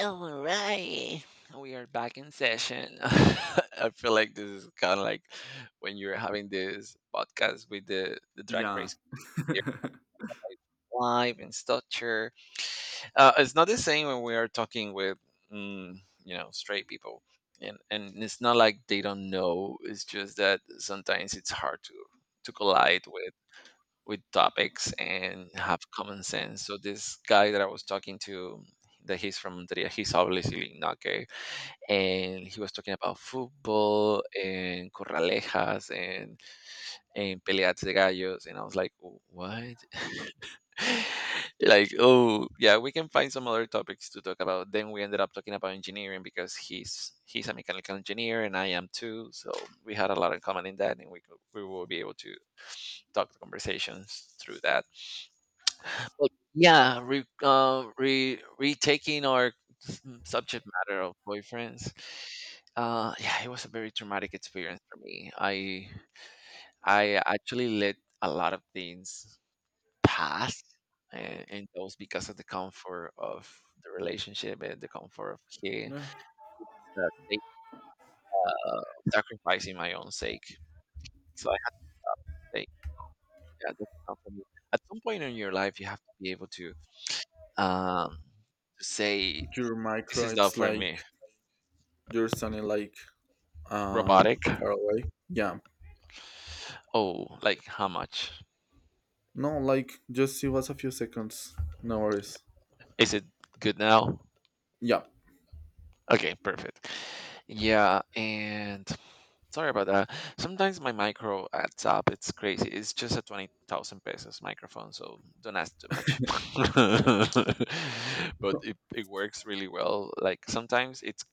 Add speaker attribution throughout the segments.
Speaker 1: All right, we are back in session. I feel like this is kind of like when you're having this podcast with the drag
Speaker 2: Yeah.
Speaker 1: race live and structure. It's not the same when we are talking with mm, straight people, and it's not like they don't know. It's just that sometimes it's hard to collide with topics and have common sense. So this guy that I was talking to, that he's from Monteria, he's obviously not gay, and he was talking about football and corralejas and peleas de gallos, and I was like, "Oh, what?" Like, oh yeah, we can find some other topics to talk about. Then we ended up talking about engineering because he's a mechanical engineer and I am too, so we had a lot in common in that, and we will be able to talk the conversations through that. Well, yeah, re, re retaking our subject matter of boyfriends. Yeah, it was a very traumatic experience for me. I actually let a lot of things pass, and those because of the comfort of the relationship and the comfort of
Speaker 2: Yeah.
Speaker 1: uh, sake- uh, sacrificing my own sake. So I had to say, yeah, that's not for me. At some point in your life, you have to be able to um to say
Speaker 2: Your
Speaker 1: this
Speaker 2: micro,
Speaker 1: is not
Speaker 2: it's
Speaker 1: for
Speaker 2: like
Speaker 1: me.
Speaker 2: you're sounding like uh
Speaker 1: Robotic?
Speaker 2: far away. Yeah.
Speaker 1: Oh, like how much?
Speaker 2: No, like just it was a few seconds. No worries.
Speaker 1: Is it good now?
Speaker 2: Yeah.
Speaker 1: Okay, perfect. Yeah, and sorry about that. Sometimes my micro adds up. It's crazy. It's just a 20,000 pesos microphone, so don't ask too much. but it, it works really well. Like sometimes it's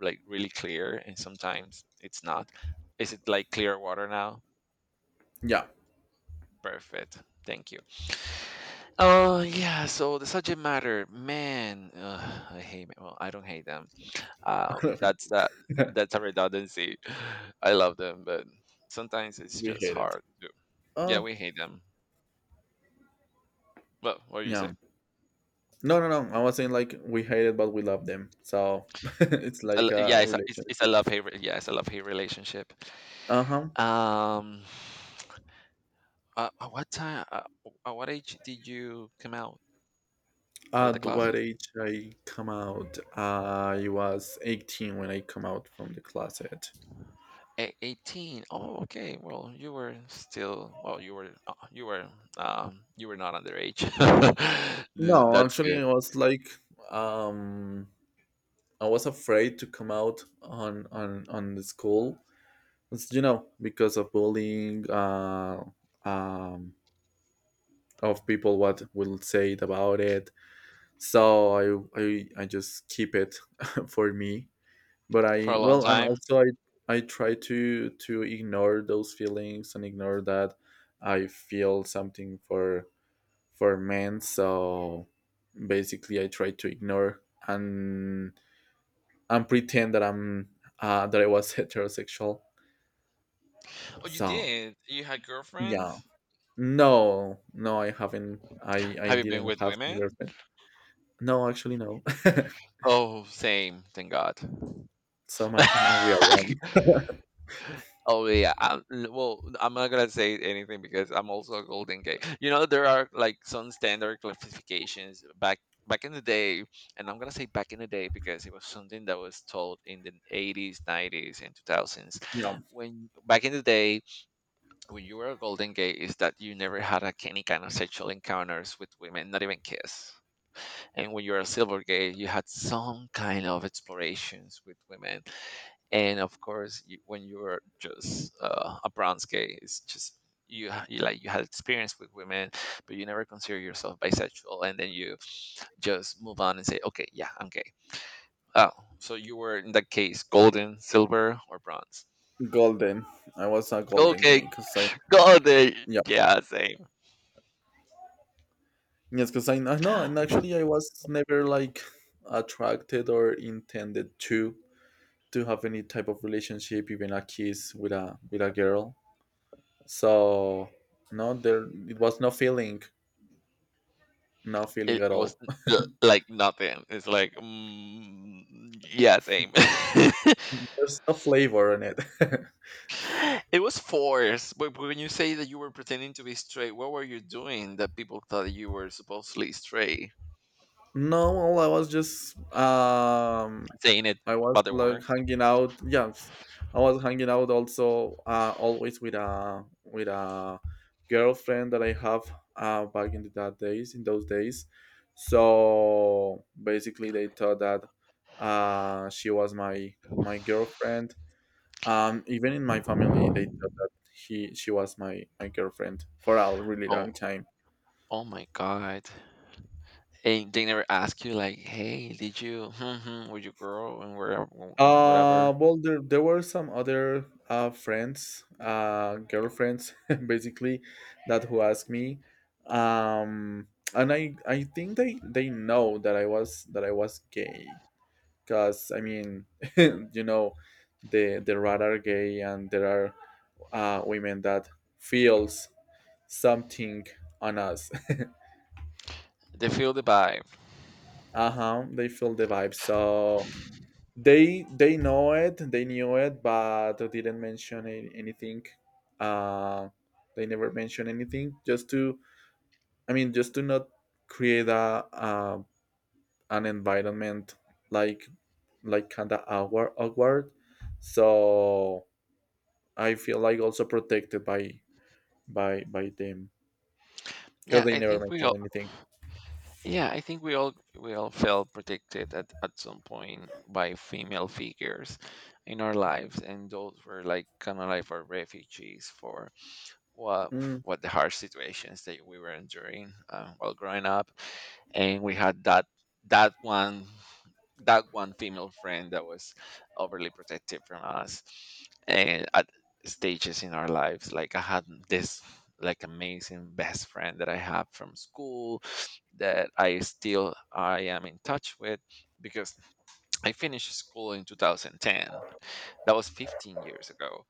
Speaker 1: like really clear and sometimes it's not. Is it like clear water now?
Speaker 2: Yeah.
Speaker 1: Perfect. Thank you. Oh yeah, so the subject matter, man, ugh, I hate. Well, I don't hate them. That's
Speaker 2: We
Speaker 1: that. That's a redundancy. I love them, but sometimes it's just
Speaker 2: hate it.
Speaker 1: hard to. Yeah,
Speaker 2: Oh
Speaker 1: we hate them. Well, what do you say?
Speaker 2: yeah. No, no, no. I was saying like we hate it, but we love them. So, it's like a
Speaker 1: It's a, it's,
Speaker 2: relationship.
Speaker 1: it's a love hate. Yeah, it's a love hate relationship.
Speaker 2: Uh-huh.
Speaker 1: Um, at what time? At what age did you come out of the
Speaker 2: At
Speaker 1: closet?
Speaker 2: what age I come out? I was 18 when I come out from the closet.
Speaker 1: 18, oh, okay. Well, you were not underage. Th-
Speaker 2: No,
Speaker 1: that's
Speaker 2: actually
Speaker 1: good
Speaker 2: I was like um I was afraid to come out on the school. It's, because of bullying, um, of people what will say it about it. So I I just keep it for me. But
Speaker 1: for
Speaker 2: I
Speaker 1: a long
Speaker 2: well, and
Speaker 1: time.
Speaker 2: also I try to ignore those feelings and ignore that I feel something for men. So basically, I try to ignore and and pretend that I was heterosexual.
Speaker 1: Oh, you
Speaker 2: So
Speaker 1: did? You had
Speaker 2: yeah,
Speaker 1: girlfriends?
Speaker 2: no, no, I haven't. I
Speaker 1: Have you been
Speaker 2: didn't
Speaker 1: with
Speaker 2: have any
Speaker 1: women?
Speaker 2: girlfriend. No, actually, no.
Speaker 1: Oh, same, thank god.
Speaker 2: So I'm a real one.
Speaker 1: Oh yeah. Well, I'm not gonna say anything because I'm also a golden gay. You know, there are like some standard classifications back in the day, and I'm gonna say back in the day because it was something that was taught in the 80s, 90s, and 2000s.
Speaker 2: Yeah,
Speaker 1: When back in the day, when you were a golden gay, is that you never had like any kind of sexual encounters with women, not even kiss. And when you're at Silvergate, you had some kind of explorations with women. And of course, when you're just a bronze gay, it's just you, ha- you like you had experience with women, but you never consider yourself bisexual, and then you just move on and say, okay, yeah, I'm gay. Oh, so you were in that case, golden, silver, or bronze?
Speaker 2: golden. I was a golden gay
Speaker 1: Okay,
Speaker 2: because I
Speaker 1: golden.
Speaker 2: yeah,
Speaker 1: Yeah, same.
Speaker 2: yes, because I know, and actually I was never like attracted or intended to have any type of relationship, even a kiss with a girl. So no, there it was no feeling, no feeling
Speaker 1: It
Speaker 2: at
Speaker 1: was
Speaker 2: all.
Speaker 1: like nothing. It's like, yeah, same.
Speaker 2: This, there's no flavor in it.
Speaker 1: It was forced. But when you say that you were pretending to be straight, what were you doing that people thought you were supposedly straight?
Speaker 2: No, well,
Speaker 1: Saying it,
Speaker 2: I
Speaker 1: but
Speaker 2: was
Speaker 1: they were.
Speaker 2: like hanging out. Yes, I was hanging out also, always with a girlfriend that I have, back in the, that days in those days. So basically, they thought that, she was my girlfriend. Even in my family, they thought that he she was my girlfriend for a really
Speaker 1: Oh,
Speaker 2: long time.
Speaker 1: oh my god. And they never ask you like, "Hey, did you with your girl and where and whatever?"
Speaker 2: Well, there were some other, girlfriends, basically, that who asked me, um, and I think they know that I was gay, cause I mean, you know, the radar gay, and there are, women that feels something on us.
Speaker 1: They feel the vibe.
Speaker 2: Uh huh. They feel the vibe, so they know it they knew it, but they didn't mention anything. uh they never mentioned anything just to, I mean, just to not create a an environment like, kind of awkward. So I feel like also protected by them because
Speaker 1: Yeah,
Speaker 2: they
Speaker 1: I
Speaker 2: never
Speaker 1: think we
Speaker 2: mention
Speaker 1: all.
Speaker 2: anything.
Speaker 1: Yeah, I think we all felt protected at some point by female figures in our lives, and those were like kind of like our refugees for what
Speaker 2: Mm,
Speaker 1: what the harsh situations that we were enduring while growing up, and we had that one that one female friend that was overly protective from us, and at stages in our lives, like I had this like amazing best friend that I have from school that I am in touch with because I finished school in 2010. That was 15 years ago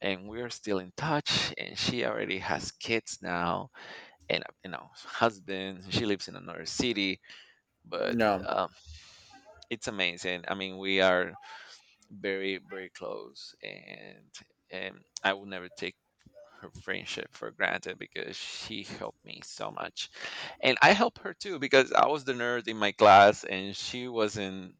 Speaker 1: and we're still in touch and she already has kids now and husband, she lives in another city, but
Speaker 2: no.
Speaker 1: um, it's amazing. I mean, we are very very close, and I will never take her friendship for granted because she helped me so much. And I helped her too because I was the nerd in my class and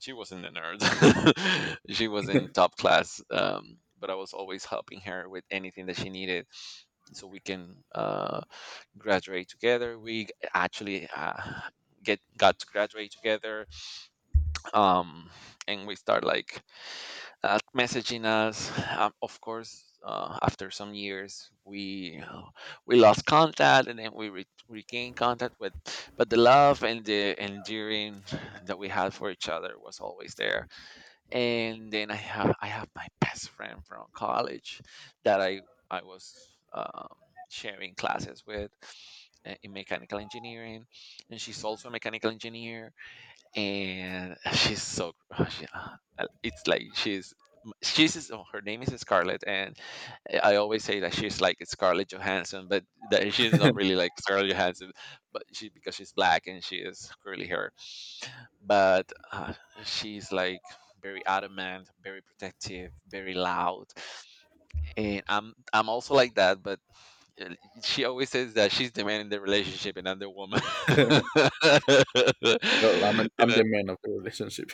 Speaker 1: she wasn't the nerd. She was in top class. But I was always helping her with anything that she needed so we can graduate together. We actually get got to graduate together, um, and we start like messaging us. Of course, after some years, we lost contact, and then we regained contact with. But the love and the endearing that we had for each other was always there. And then I have my best friend from college that I was sharing classes with in mechanical engineering, and she's also a mechanical engineer, and she's so she, it's like she's is- oh, her name is Scarlett, and I always say that she's like Scarlett Johansson, but that she's not really like Scarlett Johansson, but she because she's black and she is curly hair, but she's like very adamant, very protective, very loud, and I'm also like that, but. uh, She always says that she's the man in the relationship and I'm the woman.
Speaker 2: Girl, I'm
Speaker 1: and
Speaker 2: the man of the relationship.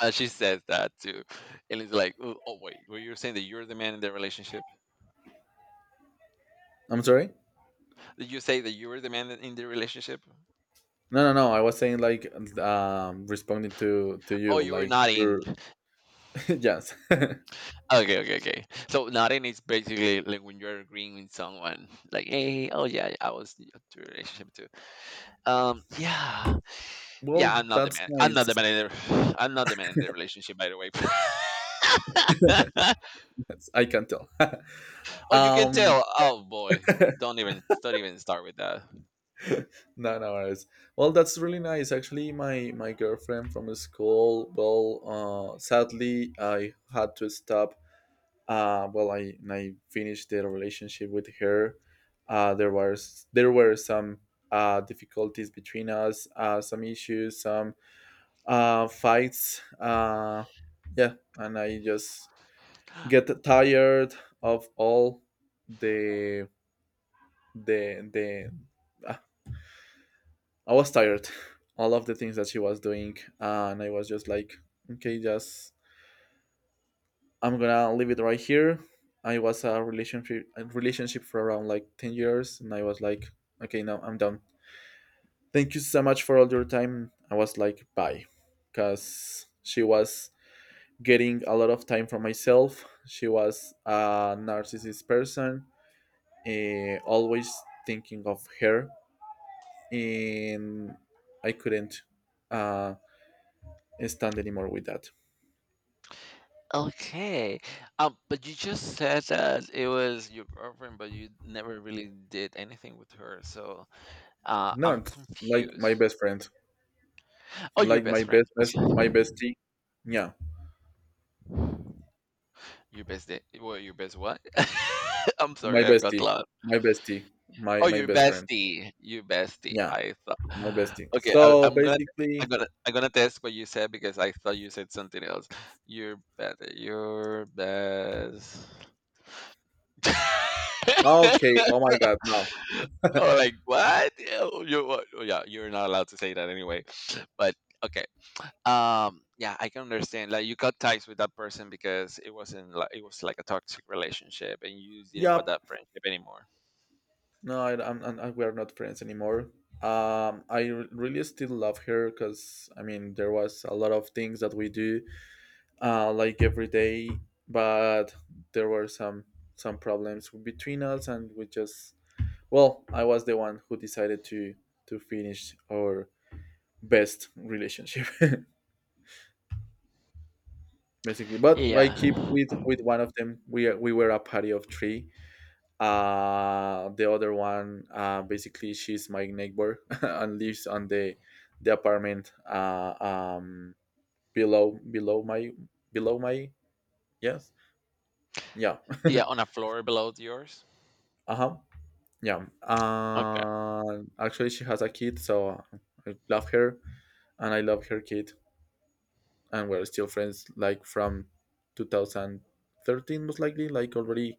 Speaker 1: and she says that too. And it's like, oh, wait, were you saying that you're the man in the relationship?
Speaker 2: I'm sorry.
Speaker 1: Did you say that you were the man in the relationship?
Speaker 2: No, no, no. I was saying like, responding to
Speaker 1: Oh,
Speaker 2: you,
Speaker 1: you were
Speaker 2: like
Speaker 1: not in.
Speaker 2: you're yes.
Speaker 1: Okay, okay, okay. So not in is basically like when you're agreeing with someone, like, hey, oh yeah, I was in the relationship too. Yeah, yeah,
Speaker 2: Well,
Speaker 1: I'm not the
Speaker 2: that's
Speaker 1: man. I'm not the
Speaker 2: nice.
Speaker 1: man in the. I'm not the man in the relationship, by the way.
Speaker 2: I can tell.
Speaker 1: Oh, you can
Speaker 2: um,
Speaker 1: tell. Oh boy, don't even start with that.
Speaker 2: no, no worries. Well, that's really nice. Actually, my girlfriend from school. Well, sadly, I had to stop. Well, I finished the relationship with her. There were some difficulties between us. Some issues. Some fights. Yeah, and I just get tired of all the the. ah, I was tired, all of the things that she was doing, and I was just like, okay, just I'm gonna leave it right here. I was a relationship for around like 10 years, and I was like, okay, now I'm done. Thank you so much for all your time. I was like, bye, because she was getting a lot of time for myself. She was a narcissist person, always thinking of her, and I couldn't, uh, stand anymore with that.
Speaker 1: Okay. But you just said that it was your girlfriend, but you never really did anything with her. So I'm
Speaker 2: Not like my
Speaker 1: confused.
Speaker 2: best friend,
Speaker 1: Oh, your
Speaker 2: like
Speaker 1: best friend.
Speaker 2: my bestie. Yeah,
Speaker 1: Okay. Your best day? Well, your best what? I'm
Speaker 2: my
Speaker 1: sorry, I got
Speaker 2: bestie,
Speaker 1: loud.
Speaker 2: my bestie,
Speaker 1: Oh,
Speaker 2: my
Speaker 1: your
Speaker 2: best friend.
Speaker 1: bestie, your bestie.
Speaker 2: Yeah,
Speaker 1: I thought.
Speaker 2: my bestie.
Speaker 1: Okay, I,
Speaker 2: So
Speaker 1: I'm gonna, I'm
Speaker 2: basically,
Speaker 1: gonna, I'm gonna test what you said because I thought you said something else. Your best, your best.
Speaker 2: okay. Oh my God, no.
Speaker 1: Oh, like what? Yeah, oh, you, what? Oh, yeah, you're not allowed to say that anyway. But okay, yeah, I can understand. Like you got ties with that person because it wasn't like, it was like a toxic relationship, and you didn't want
Speaker 2: Yeah,
Speaker 1: that friendship anymore.
Speaker 2: no, I, I'm, I- we're not friends anymore. I really still love her because I mean there was a lot of things that we do, like every day. But there were some problems between us, and we just well, I was the one who decided to finish our best relationship, basically. But I
Speaker 1: Yeah,
Speaker 2: keep with one of them. We were a party of three. The other one, basically, she's my neighbor and lives on the apartment, below below my below my, yes, yeah.
Speaker 1: yeah, on a floor below yours.
Speaker 2: Uh huh, yeah.
Speaker 1: Okay.
Speaker 2: Actually, she has a kid, so I love her, and I love her kid, and we're still friends like from 2013, most likely like already,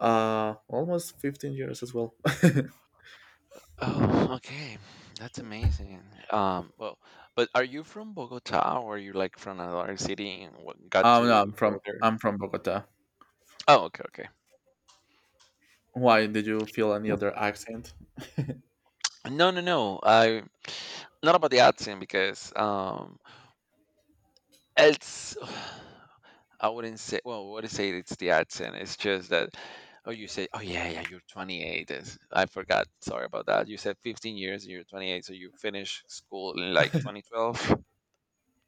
Speaker 2: almost 15 years as well.
Speaker 1: Oh, okay. That's amazing. Well, but are you from Bogota or are you like from another city and got
Speaker 2: No, I'm
Speaker 1: to
Speaker 2: from
Speaker 1: go there?
Speaker 2: Bogota.
Speaker 1: Oh, okay, okay.
Speaker 2: Why did you feel any other accent?
Speaker 1: No, no, no. I not about the accent because it's I wouldn't say. Well, I wouldn't say it's the accent. It's just that. Oh, you say. Oh, yeah, yeah. You're 28. Is I forgot. Sorry about that. You said 15 years. You're 28. So you finish school in like 2012,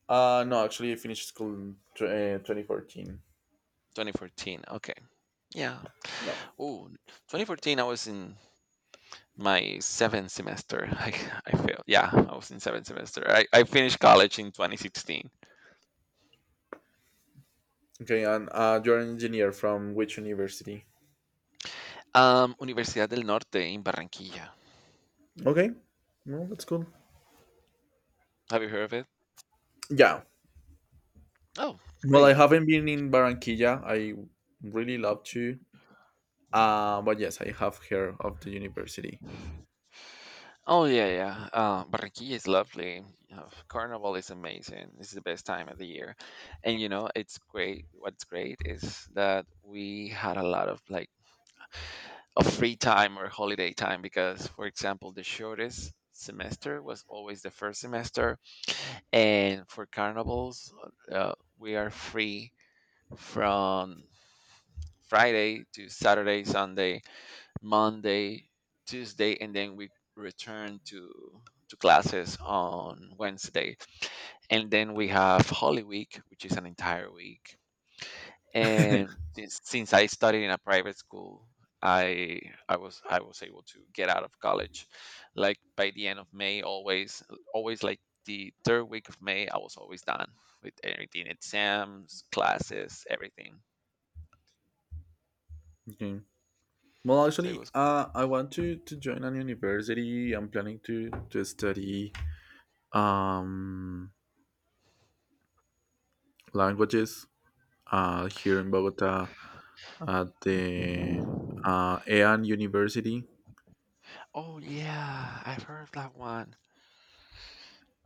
Speaker 2: No, actually, I finished school in 2014.
Speaker 1: 2014. Okay. Yeah.
Speaker 2: No.
Speaker 1: Oh, 2014. I was in my seventh semester. I failed. Yeah, I was in seventh semester. I finished college in 2016.
Speaker 2: Okay, and, you're an engineer from which university?
Speaker 1: Universidad del Norte in Barranquilla.
Speaker 2: Okay, well, that's cool.
Speaker 1: Have you heard of it?
Speaker 2: Yeah.
Speaker 1: Oh,
Speaker 2: Well, I
Speaker 1: great.
Speaker 2: haven't been in Barranquilla. I really love to. But yes, I have heard of the university.
Speaker 1: Oh yeah, yeah. Barranquilla is lovely. Carnival is amazing. It's the best time of the year, and you know it's great. What's great is that we had a lot of free time or holiday time because, for example, the shortest semester was always the first semester, and for carnivals, uh, we are free from Friday to Saturday, Sunday, Monday, Tuesday, and then we return to classes on Wednesday. And then we have Holy Week, which is an entire week. And since I studied in a private school, I I was able to get out of college like by the end of May, always like the third week of May I was always done with everything: exams, classes, everything.
Speaker 2: Okay. Well,
Speaker 1: So it
Speaker 2: actually,
Speaker 1: was.
Speaker 2: I want to join an university. I'm planning to study, um, languages, here in Bogota, at the, Ean University.
Speaker 1: Oh yeah, I've heard of that one.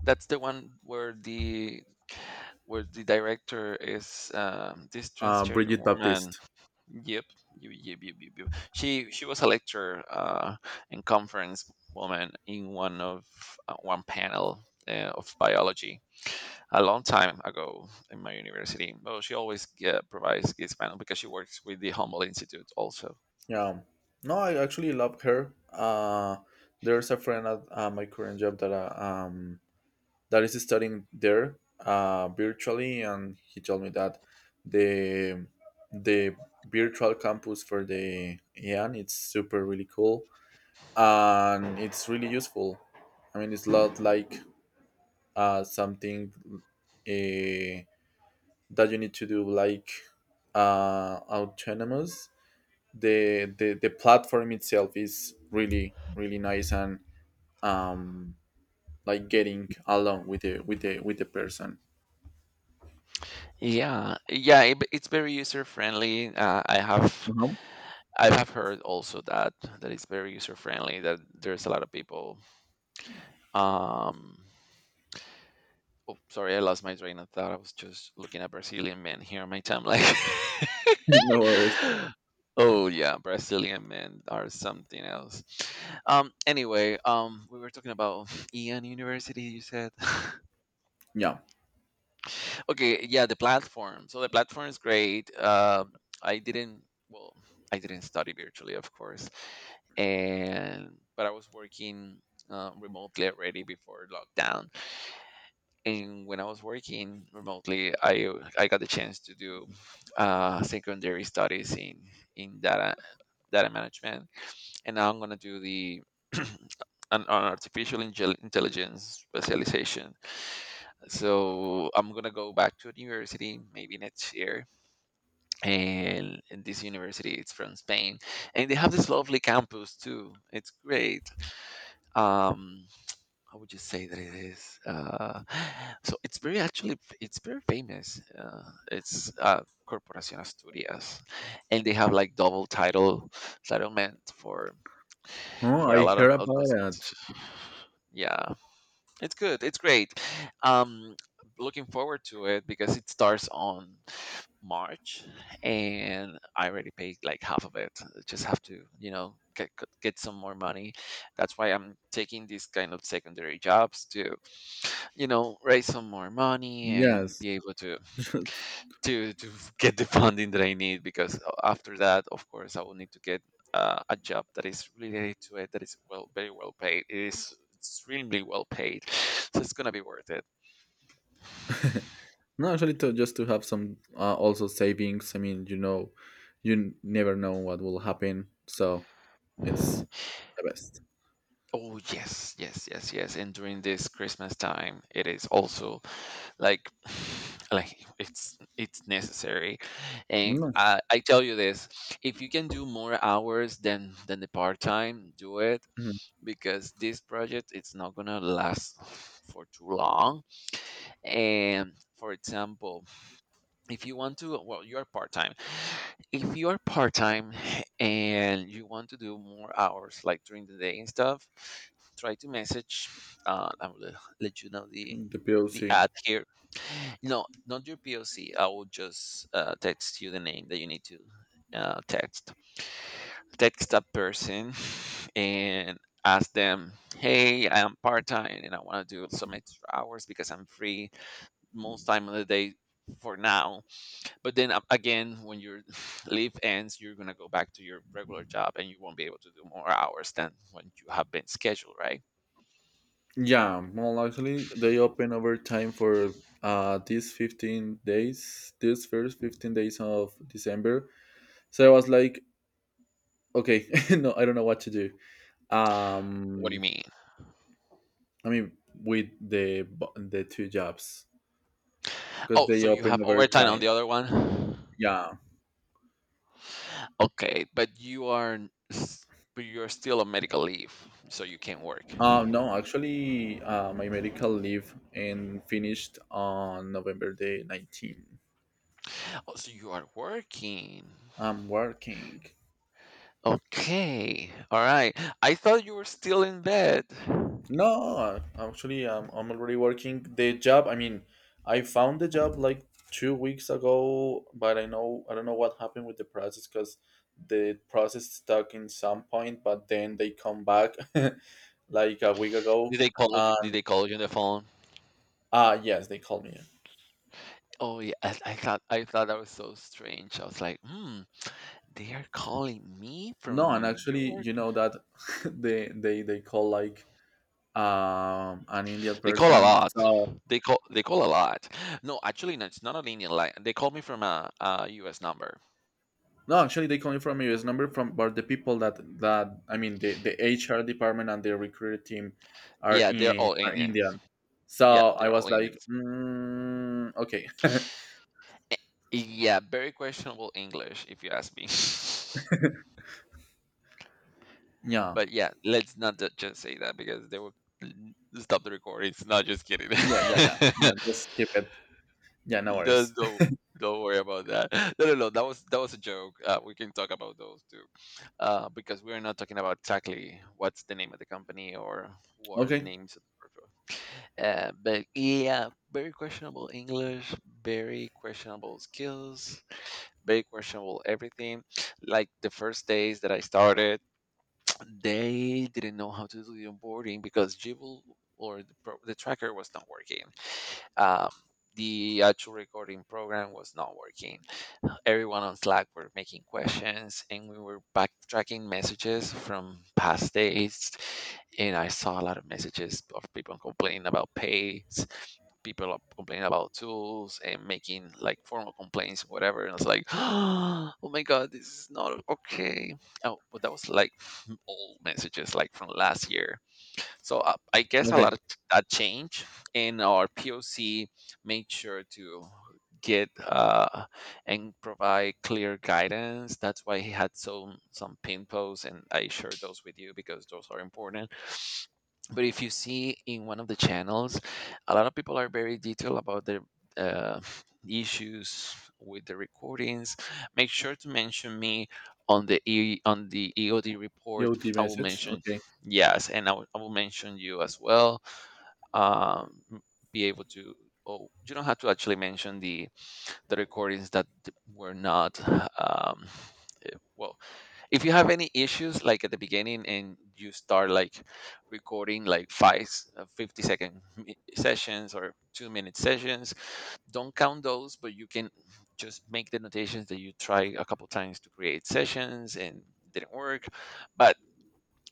Speaker 1: That's the one where the director is this transgender
Speaker 2: Bridget
Speaker 1: woman.
Speaker 2: Baptiste.
Speaker 1: Yep, yep, yep, yep, yep. Yep. She was a lecturer and conference woman in one of one panel of biology a long time ago in my university. Well, she always provides this panel because she works with the Humboldt Institute also.
Speaker 2: Yeah, no, I actually love her. There's a friend at, my current job that, that is studying there, virtually, and he told me that the the virtual campus for the Ean, it's super really cool, and it's really useful. I mean, it's not like, something, uh, that you need to do like, autonomous. The platform itself is really really nice, and um like getting along with the person.
Speaker 1: Yeah, yeah, it's very user friendly.
Speaker 2: No,
Speaker 1: I have heard also that that it's very user friendly. That there's a lot of people. Um, oh, sorry, I lost my train of thought. I was just looking at Brazilian men here on my timeline.
Speaker 2: no worries,
Speaker 1: oh yeah, Brazilian men are something else. Anyway, we were talking about Ian University. You said.
Speaker 2: yeah.
Speaker 1: Okay, yeah, the platform. So the platform is great. I didn't, well, I didn't study virtually, of course, and but I was working remotely already before lockdown. And when I was working remotely, I got the chance to do secondary studies in data data management, and now I'm going to do the an, an artificial intelligence specialization. So I'm going to go back to the university maybe next year. And this university, it's from Spain. And they have this lovely campus too. It's great. Um, how would you say that it is? So it's very actually it's very famous. It's Corporación Asturias, and they have like double title settlement
Speaker 2: Oh,
Speaker 1: for a
Speaker 2: I
Speaker 1: lot
Speaker 2: heard
Speaker 1: of
Speaker 2: about
Speaker 1: those.
Speaker 2: it.
Speaker 1: Yeah, it's good. It's great. Um, Looking forward to it because it starts on March, and I already paid like half of it. I just have to, you know, get some more money. That's why I'm taking these kind of secondary jobs to, you know, raise some more money and
Speaker 2: Yes.
Speaker 1: be able to
Speaker 2: Just.
Speaker 1: to get the funding that I need because after that, of course, I will need to get a job that is related to it that is well very well paid. It is extremely well paid, so it's gonna be worth it.
Speaker 2: No, actually, to just to have some, also savings. I mean, you never know what will happen, so it's the best.
Speaker 1: Oh yes, yes, yes, yes. And during this Christmas time, it is also like like it's necessary, and
Speaker 2: No.
Speaker 1: I tell you this, if you can do more hours than the part-time, do it,
Speaker 2: Mhm.
Speaker 1: because this project it's not gonna last for too long. And for example, if you want to, well, you're part-time, if you're part-time and you want to do more hours like during the day and stuff, try to message, I will let you know
Speaker 2: The
Speaker 1: the
Speaker 2: plc.
Speaker 1: ad here. No, not your POC. I will just text you the name that you need to uh, text text that person and ask them, hey, I'm part-time and I want to do some extra hours because I'm free most time of the day for now. But then again, when your leave ends, you're going to go back to your regular job, and you won't be able to do more hours than when you have been scheduled, right?
Speaker 2: Yeah, well, actually, they open over time for these 15 days, these first 15 days of December. So I was like, okay, no, I don't know what to do.
Speaker 1: What do you
Speaker 2: Um,
Speaker 1: mean?
Speaker 2: I mean, with the the two jobs, because
Speaker 1: Oh,
Speaker 2: they
Speaker 1: so you
Speaker 2: open
Speaker 1: have
Speaker 2: over
Speaker 1: overtime on
Speaker 2: time.
Speaker 1: the other one.
Speaker 2: Yeah.
Speaker 1: Okay, but you are but you're still on medical leave, so you can't work.
Speaker 2: No, actually, my medical leave and finished on November the 19th.
Speaker 1: Oh, so you are working.
Speaker 2: I'm working.
Speaker 1: Okay, all right. I thought you were still in bed.
Speaker 2: No, actually, I'm already working the job. I mean, I found the job like 2 weeks ago, but I don't know what happened with the process, because the process stuck in some point, but then they come back like a week ago.
Speaker 1: Did they call you? Did
Speaker 2: And
Speaker 1: they call you on the phone?
Speaker 2: yes, they called me.
Speaker 1: Oh yeah, I thought I thought that was so strange. I was like, hmm, they are calling me from
Speaker 2: No, and
Speaker 1: New
Speaker 2: actually,
Speaker 1: York.
Speaker 2: you know that they call like an Indian
Speaker 1: They call a
Speaker 2: person,
Speaker 1: lot.
Speaker 2: so
Speaker 1: They call a lot. No, actually, no, it's not an Indian line. They call me from a U.S. number.
Speaker 2: no, actually, they calling from a US number from, but the people that I mean, the HR department and the recruiter team
Speaker 1: Yeah, they're all
Speaker 2: are
Speaker 1: Indians.
Speaker 2: Indian. So
Speaker 1: Yeah,
Speaker 2: I
Speaker 1: they're all
Speaker 2: was like,
Speaker 1: Indians.
Speaker 2: okay.
Speaker 1: Yeah, very questionable English, if you ask me.
Speaker 2: Yeah, yeah,
Speaker 1: but yeah, let's not just say that because they will n- stop the recordings. Not just kidding.
Speaker 2: yeah, yeah, yeah. Just keep it. Yeah, no worries.
Speaker 1: don't, don't don't worry about that. No, no, no. That was a joke. We can talk about those too, because we're not talking about exactly what's the name of the company or who are the
Speaker 2: Okay,
Speaker 1: names of the people. But yeah, very questionable English, very questionable skills, very questionable everything. Like the first days that I started, they didn't know how to do the onboarding because Jibble or the the tracker was not working, um, the actual recording program was not working. Everyone on Slack were making questions, and we were backtracking messages from past days. And I saw a lot of messages of people complaining about pays, people are complaining about tools and making like formal complaints, whatever. And I was like, oh my god, this is not okay. Oh, but that was like old messages, like from last year, so I guess a lot
Speaker 2: okay.
Speaker 1: of that change in our POC. Make sure to get and provide clear guidance. That's why he had some pin posts, and I shared those with you because those are important. But if you see in one of the channels, a lot of people are very detailed about their uh, issues with the recordings, make sure to mention me on the on the EOD report.
Speaker 2: UT
Speaker 1: I will
Speaker 2: message.
Speaker 1: mention
Speaker 2: Okay,
Speaker 1: Yes, and I will mention you as well. M- be able to Oh, you don't have to actually mention the recordings that were not um, eh, well if you have any issues like at the beginning, and you start like recording like 50 second sessions or 2 minute sessions, don't count those, but you can just make the notations that you try a couple times to create sessions and didn't work. But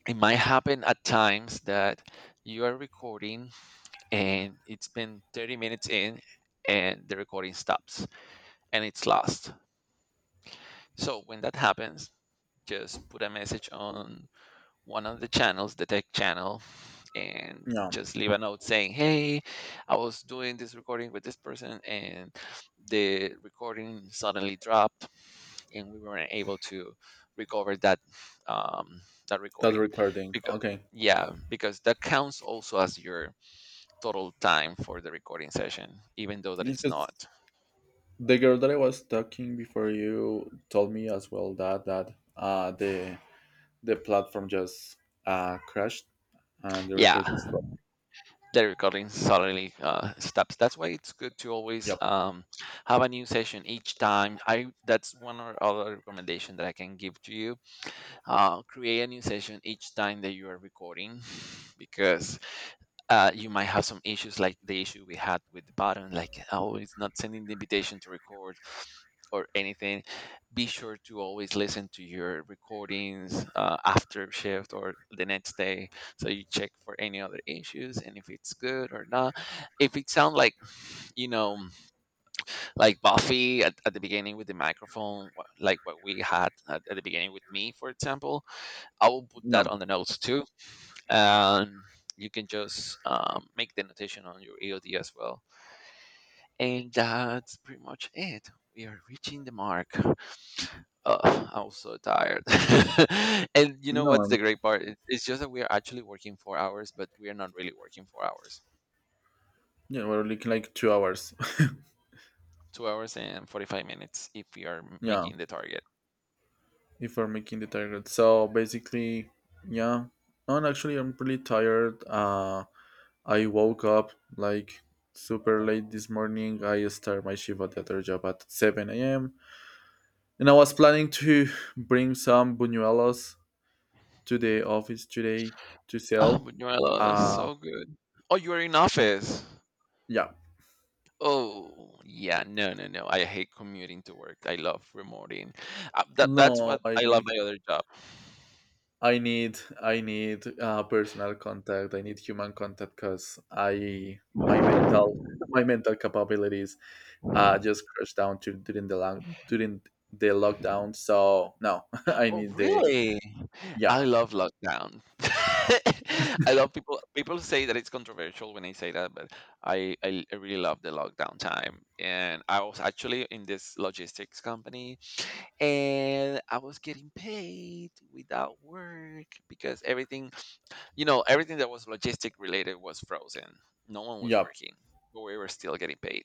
Speaker 1: it might happen at times that you are recording and it's been 30 minutes in, and the recording stops, and it's lost. So when that happens, just put a message on one of the channels, the tech channel, and
Speaker 2: yeah,
Speaker 1: just leave a note saying, "Hey, I was doing this recording with this person, and the recording suddenly dropped, and we weren't able to recover that um, that
Speaker 2: that
Speaker 1: recording."
Speaker 2: recording.
Speaker 1: Because
Speaker 2: Okay,
Speaker 1: yeah, because that counts also as your total time for the recording session, even though that it's
Speaker 2: because
Speaker 1: not.
Speaker 2: the girl that I was talking before you told me as well that the platform just, crashed and the
Speaker 1: Yeah,
Speaker 2: recording stopped.
Speaker 1: the recording suddenly stops. That's why it's good to always
Speaker 2: Yep.
Speaker 1: have a new session each time. I That's one or other recommendation that I can give to you. Create a new session each time that you are recording, because you might have some issues like the issue we had with the button, like, oh, it's not sending the invitation to record or anything. Be sure to always listen to your recordings after shift or the next day, so you check for any other issues and if it's good or not. If it sounds like, you know, like Buffy at the beginning with the microphone, like what we had at the beginning with me, for example, I will put that
Speaker 2: No.
Speaker 1: on the notes too, and you can just make the notation on your EOD as well. And that's pretty much it. We are reaching the mark. Ugh, I'm so tired. and you know
Speaker 2: No.
Speaker 1: what's the great part? It's just that we are actually working 4 hours, but we are not really working 4 hours.
Speaker 2: Yeah, we're looking like 2 hours.
Speaker 1: 2 hours and 45 minutes if we are
Speaker 2: Yeah,
Speaker 1: making the target.
Speaker 2: if we're making the target. So basically, yeah. No, and actually, I'm pretty tired. I woke up like super late this morning. I start my shift at the other job at 7 a.m. And I was planning to bring some buñuelos to the office today to
Speaker 1: Oh,
Speaker 2: sell.
Speaker 1: Manuela,
Speaker 2: Uh,
Speaker 1: so good. Oh, you are in office.
Speaker 2: yeah.
Speaker 1: Oh, yeah. No, no, no. I hate commuting to work. I love remoting. That's
Speaker 2: No,
Speaker 1: what
Speaker 2: I
Speaker 1: I love my other job.
Speaker 2: I need personal contact. I need human contact because I my mental my mental capabilities just crashed down to during the long during the lockdown. So no, I
Speaker 1: Oh,
Speaker 2: need the.
Speaker 1: really?
Speaker 2: Yeah,
Speaker 1: I love lockdown. I love people. People say that it's controversial when I say that, but I really love the lockdown time. And I was actually in this logistics company, and I was getting paid without work because everything, you know, everything that was logistic related was frozen. No one was
Speaker 2: yeah,
Speaker 1: working, but we were still getting paid.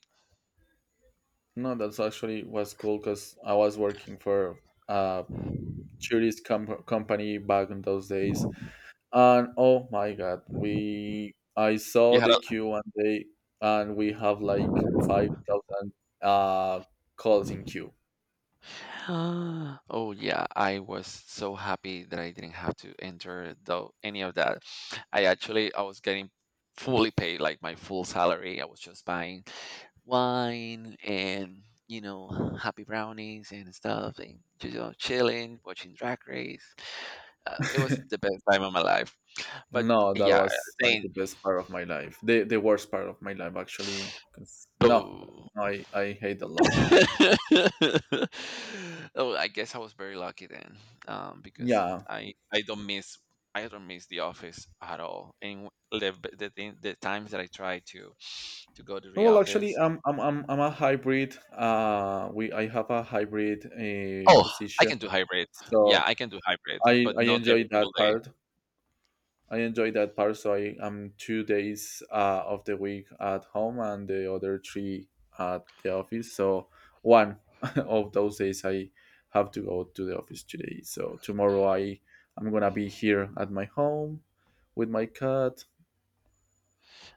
Speaker 2: no. That's actually was cool because I was working for a tourist company back in those days. And oh my god, we I
Speaker 1: You
Speaker 2: saw
Speaker 1: had
Speaker 2: the
Speaker 1: a
Speaker 2: queue one day, and we have like 5,000 uh calls in queue.
Speaker 1: oh yeah, I was so happy that I didn't have to enter though any of that. I was getting fully paid like my full salary. I was just buying wine, and you know, happy brownies and stuff, and just, you know, chilling watching drag race. Uh, it was the best time of my life. But
Speaker 2: No, that
Speaker 1: yeah,
Speaker 2: was like
Speaker 1: saying
Speaker 2: the best part of my life. The worst part of my life, actually. No,
Speaker 1: oh,
Speaker 2: no, I hate the lockdown.
Speaker 1: oh, I guess I was very lucky then, because
Speaker 2: Yeah.
Speaker 1: I don't miss the office at all. And the thing, the times that I try to go to
Speaker 2: No,
Speaker 1: the
Speaker 2: well, actually,
Speaker 1: office,
Speaker 2: I'm a hybrid. We I have a hybrid,
Speaker 1: oh, I
Speaker 2: position,
Speaker 1: can do hybrid. Yeah,
Speaker 2: so
Speaker 1: I can do hybrid, but
Speaker 2: I
Speaker 1: not every
Speaker 2: enjoy that
Speaker 1: single day.
Speaker 2: part. I enjoy that part. So I am 2 days, of the week at home and the other three at the office. So one of those days I have to go to the office today. So tomorrow I'm gonna be here at my home with my cat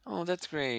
Speaker 1: Oh, that's great.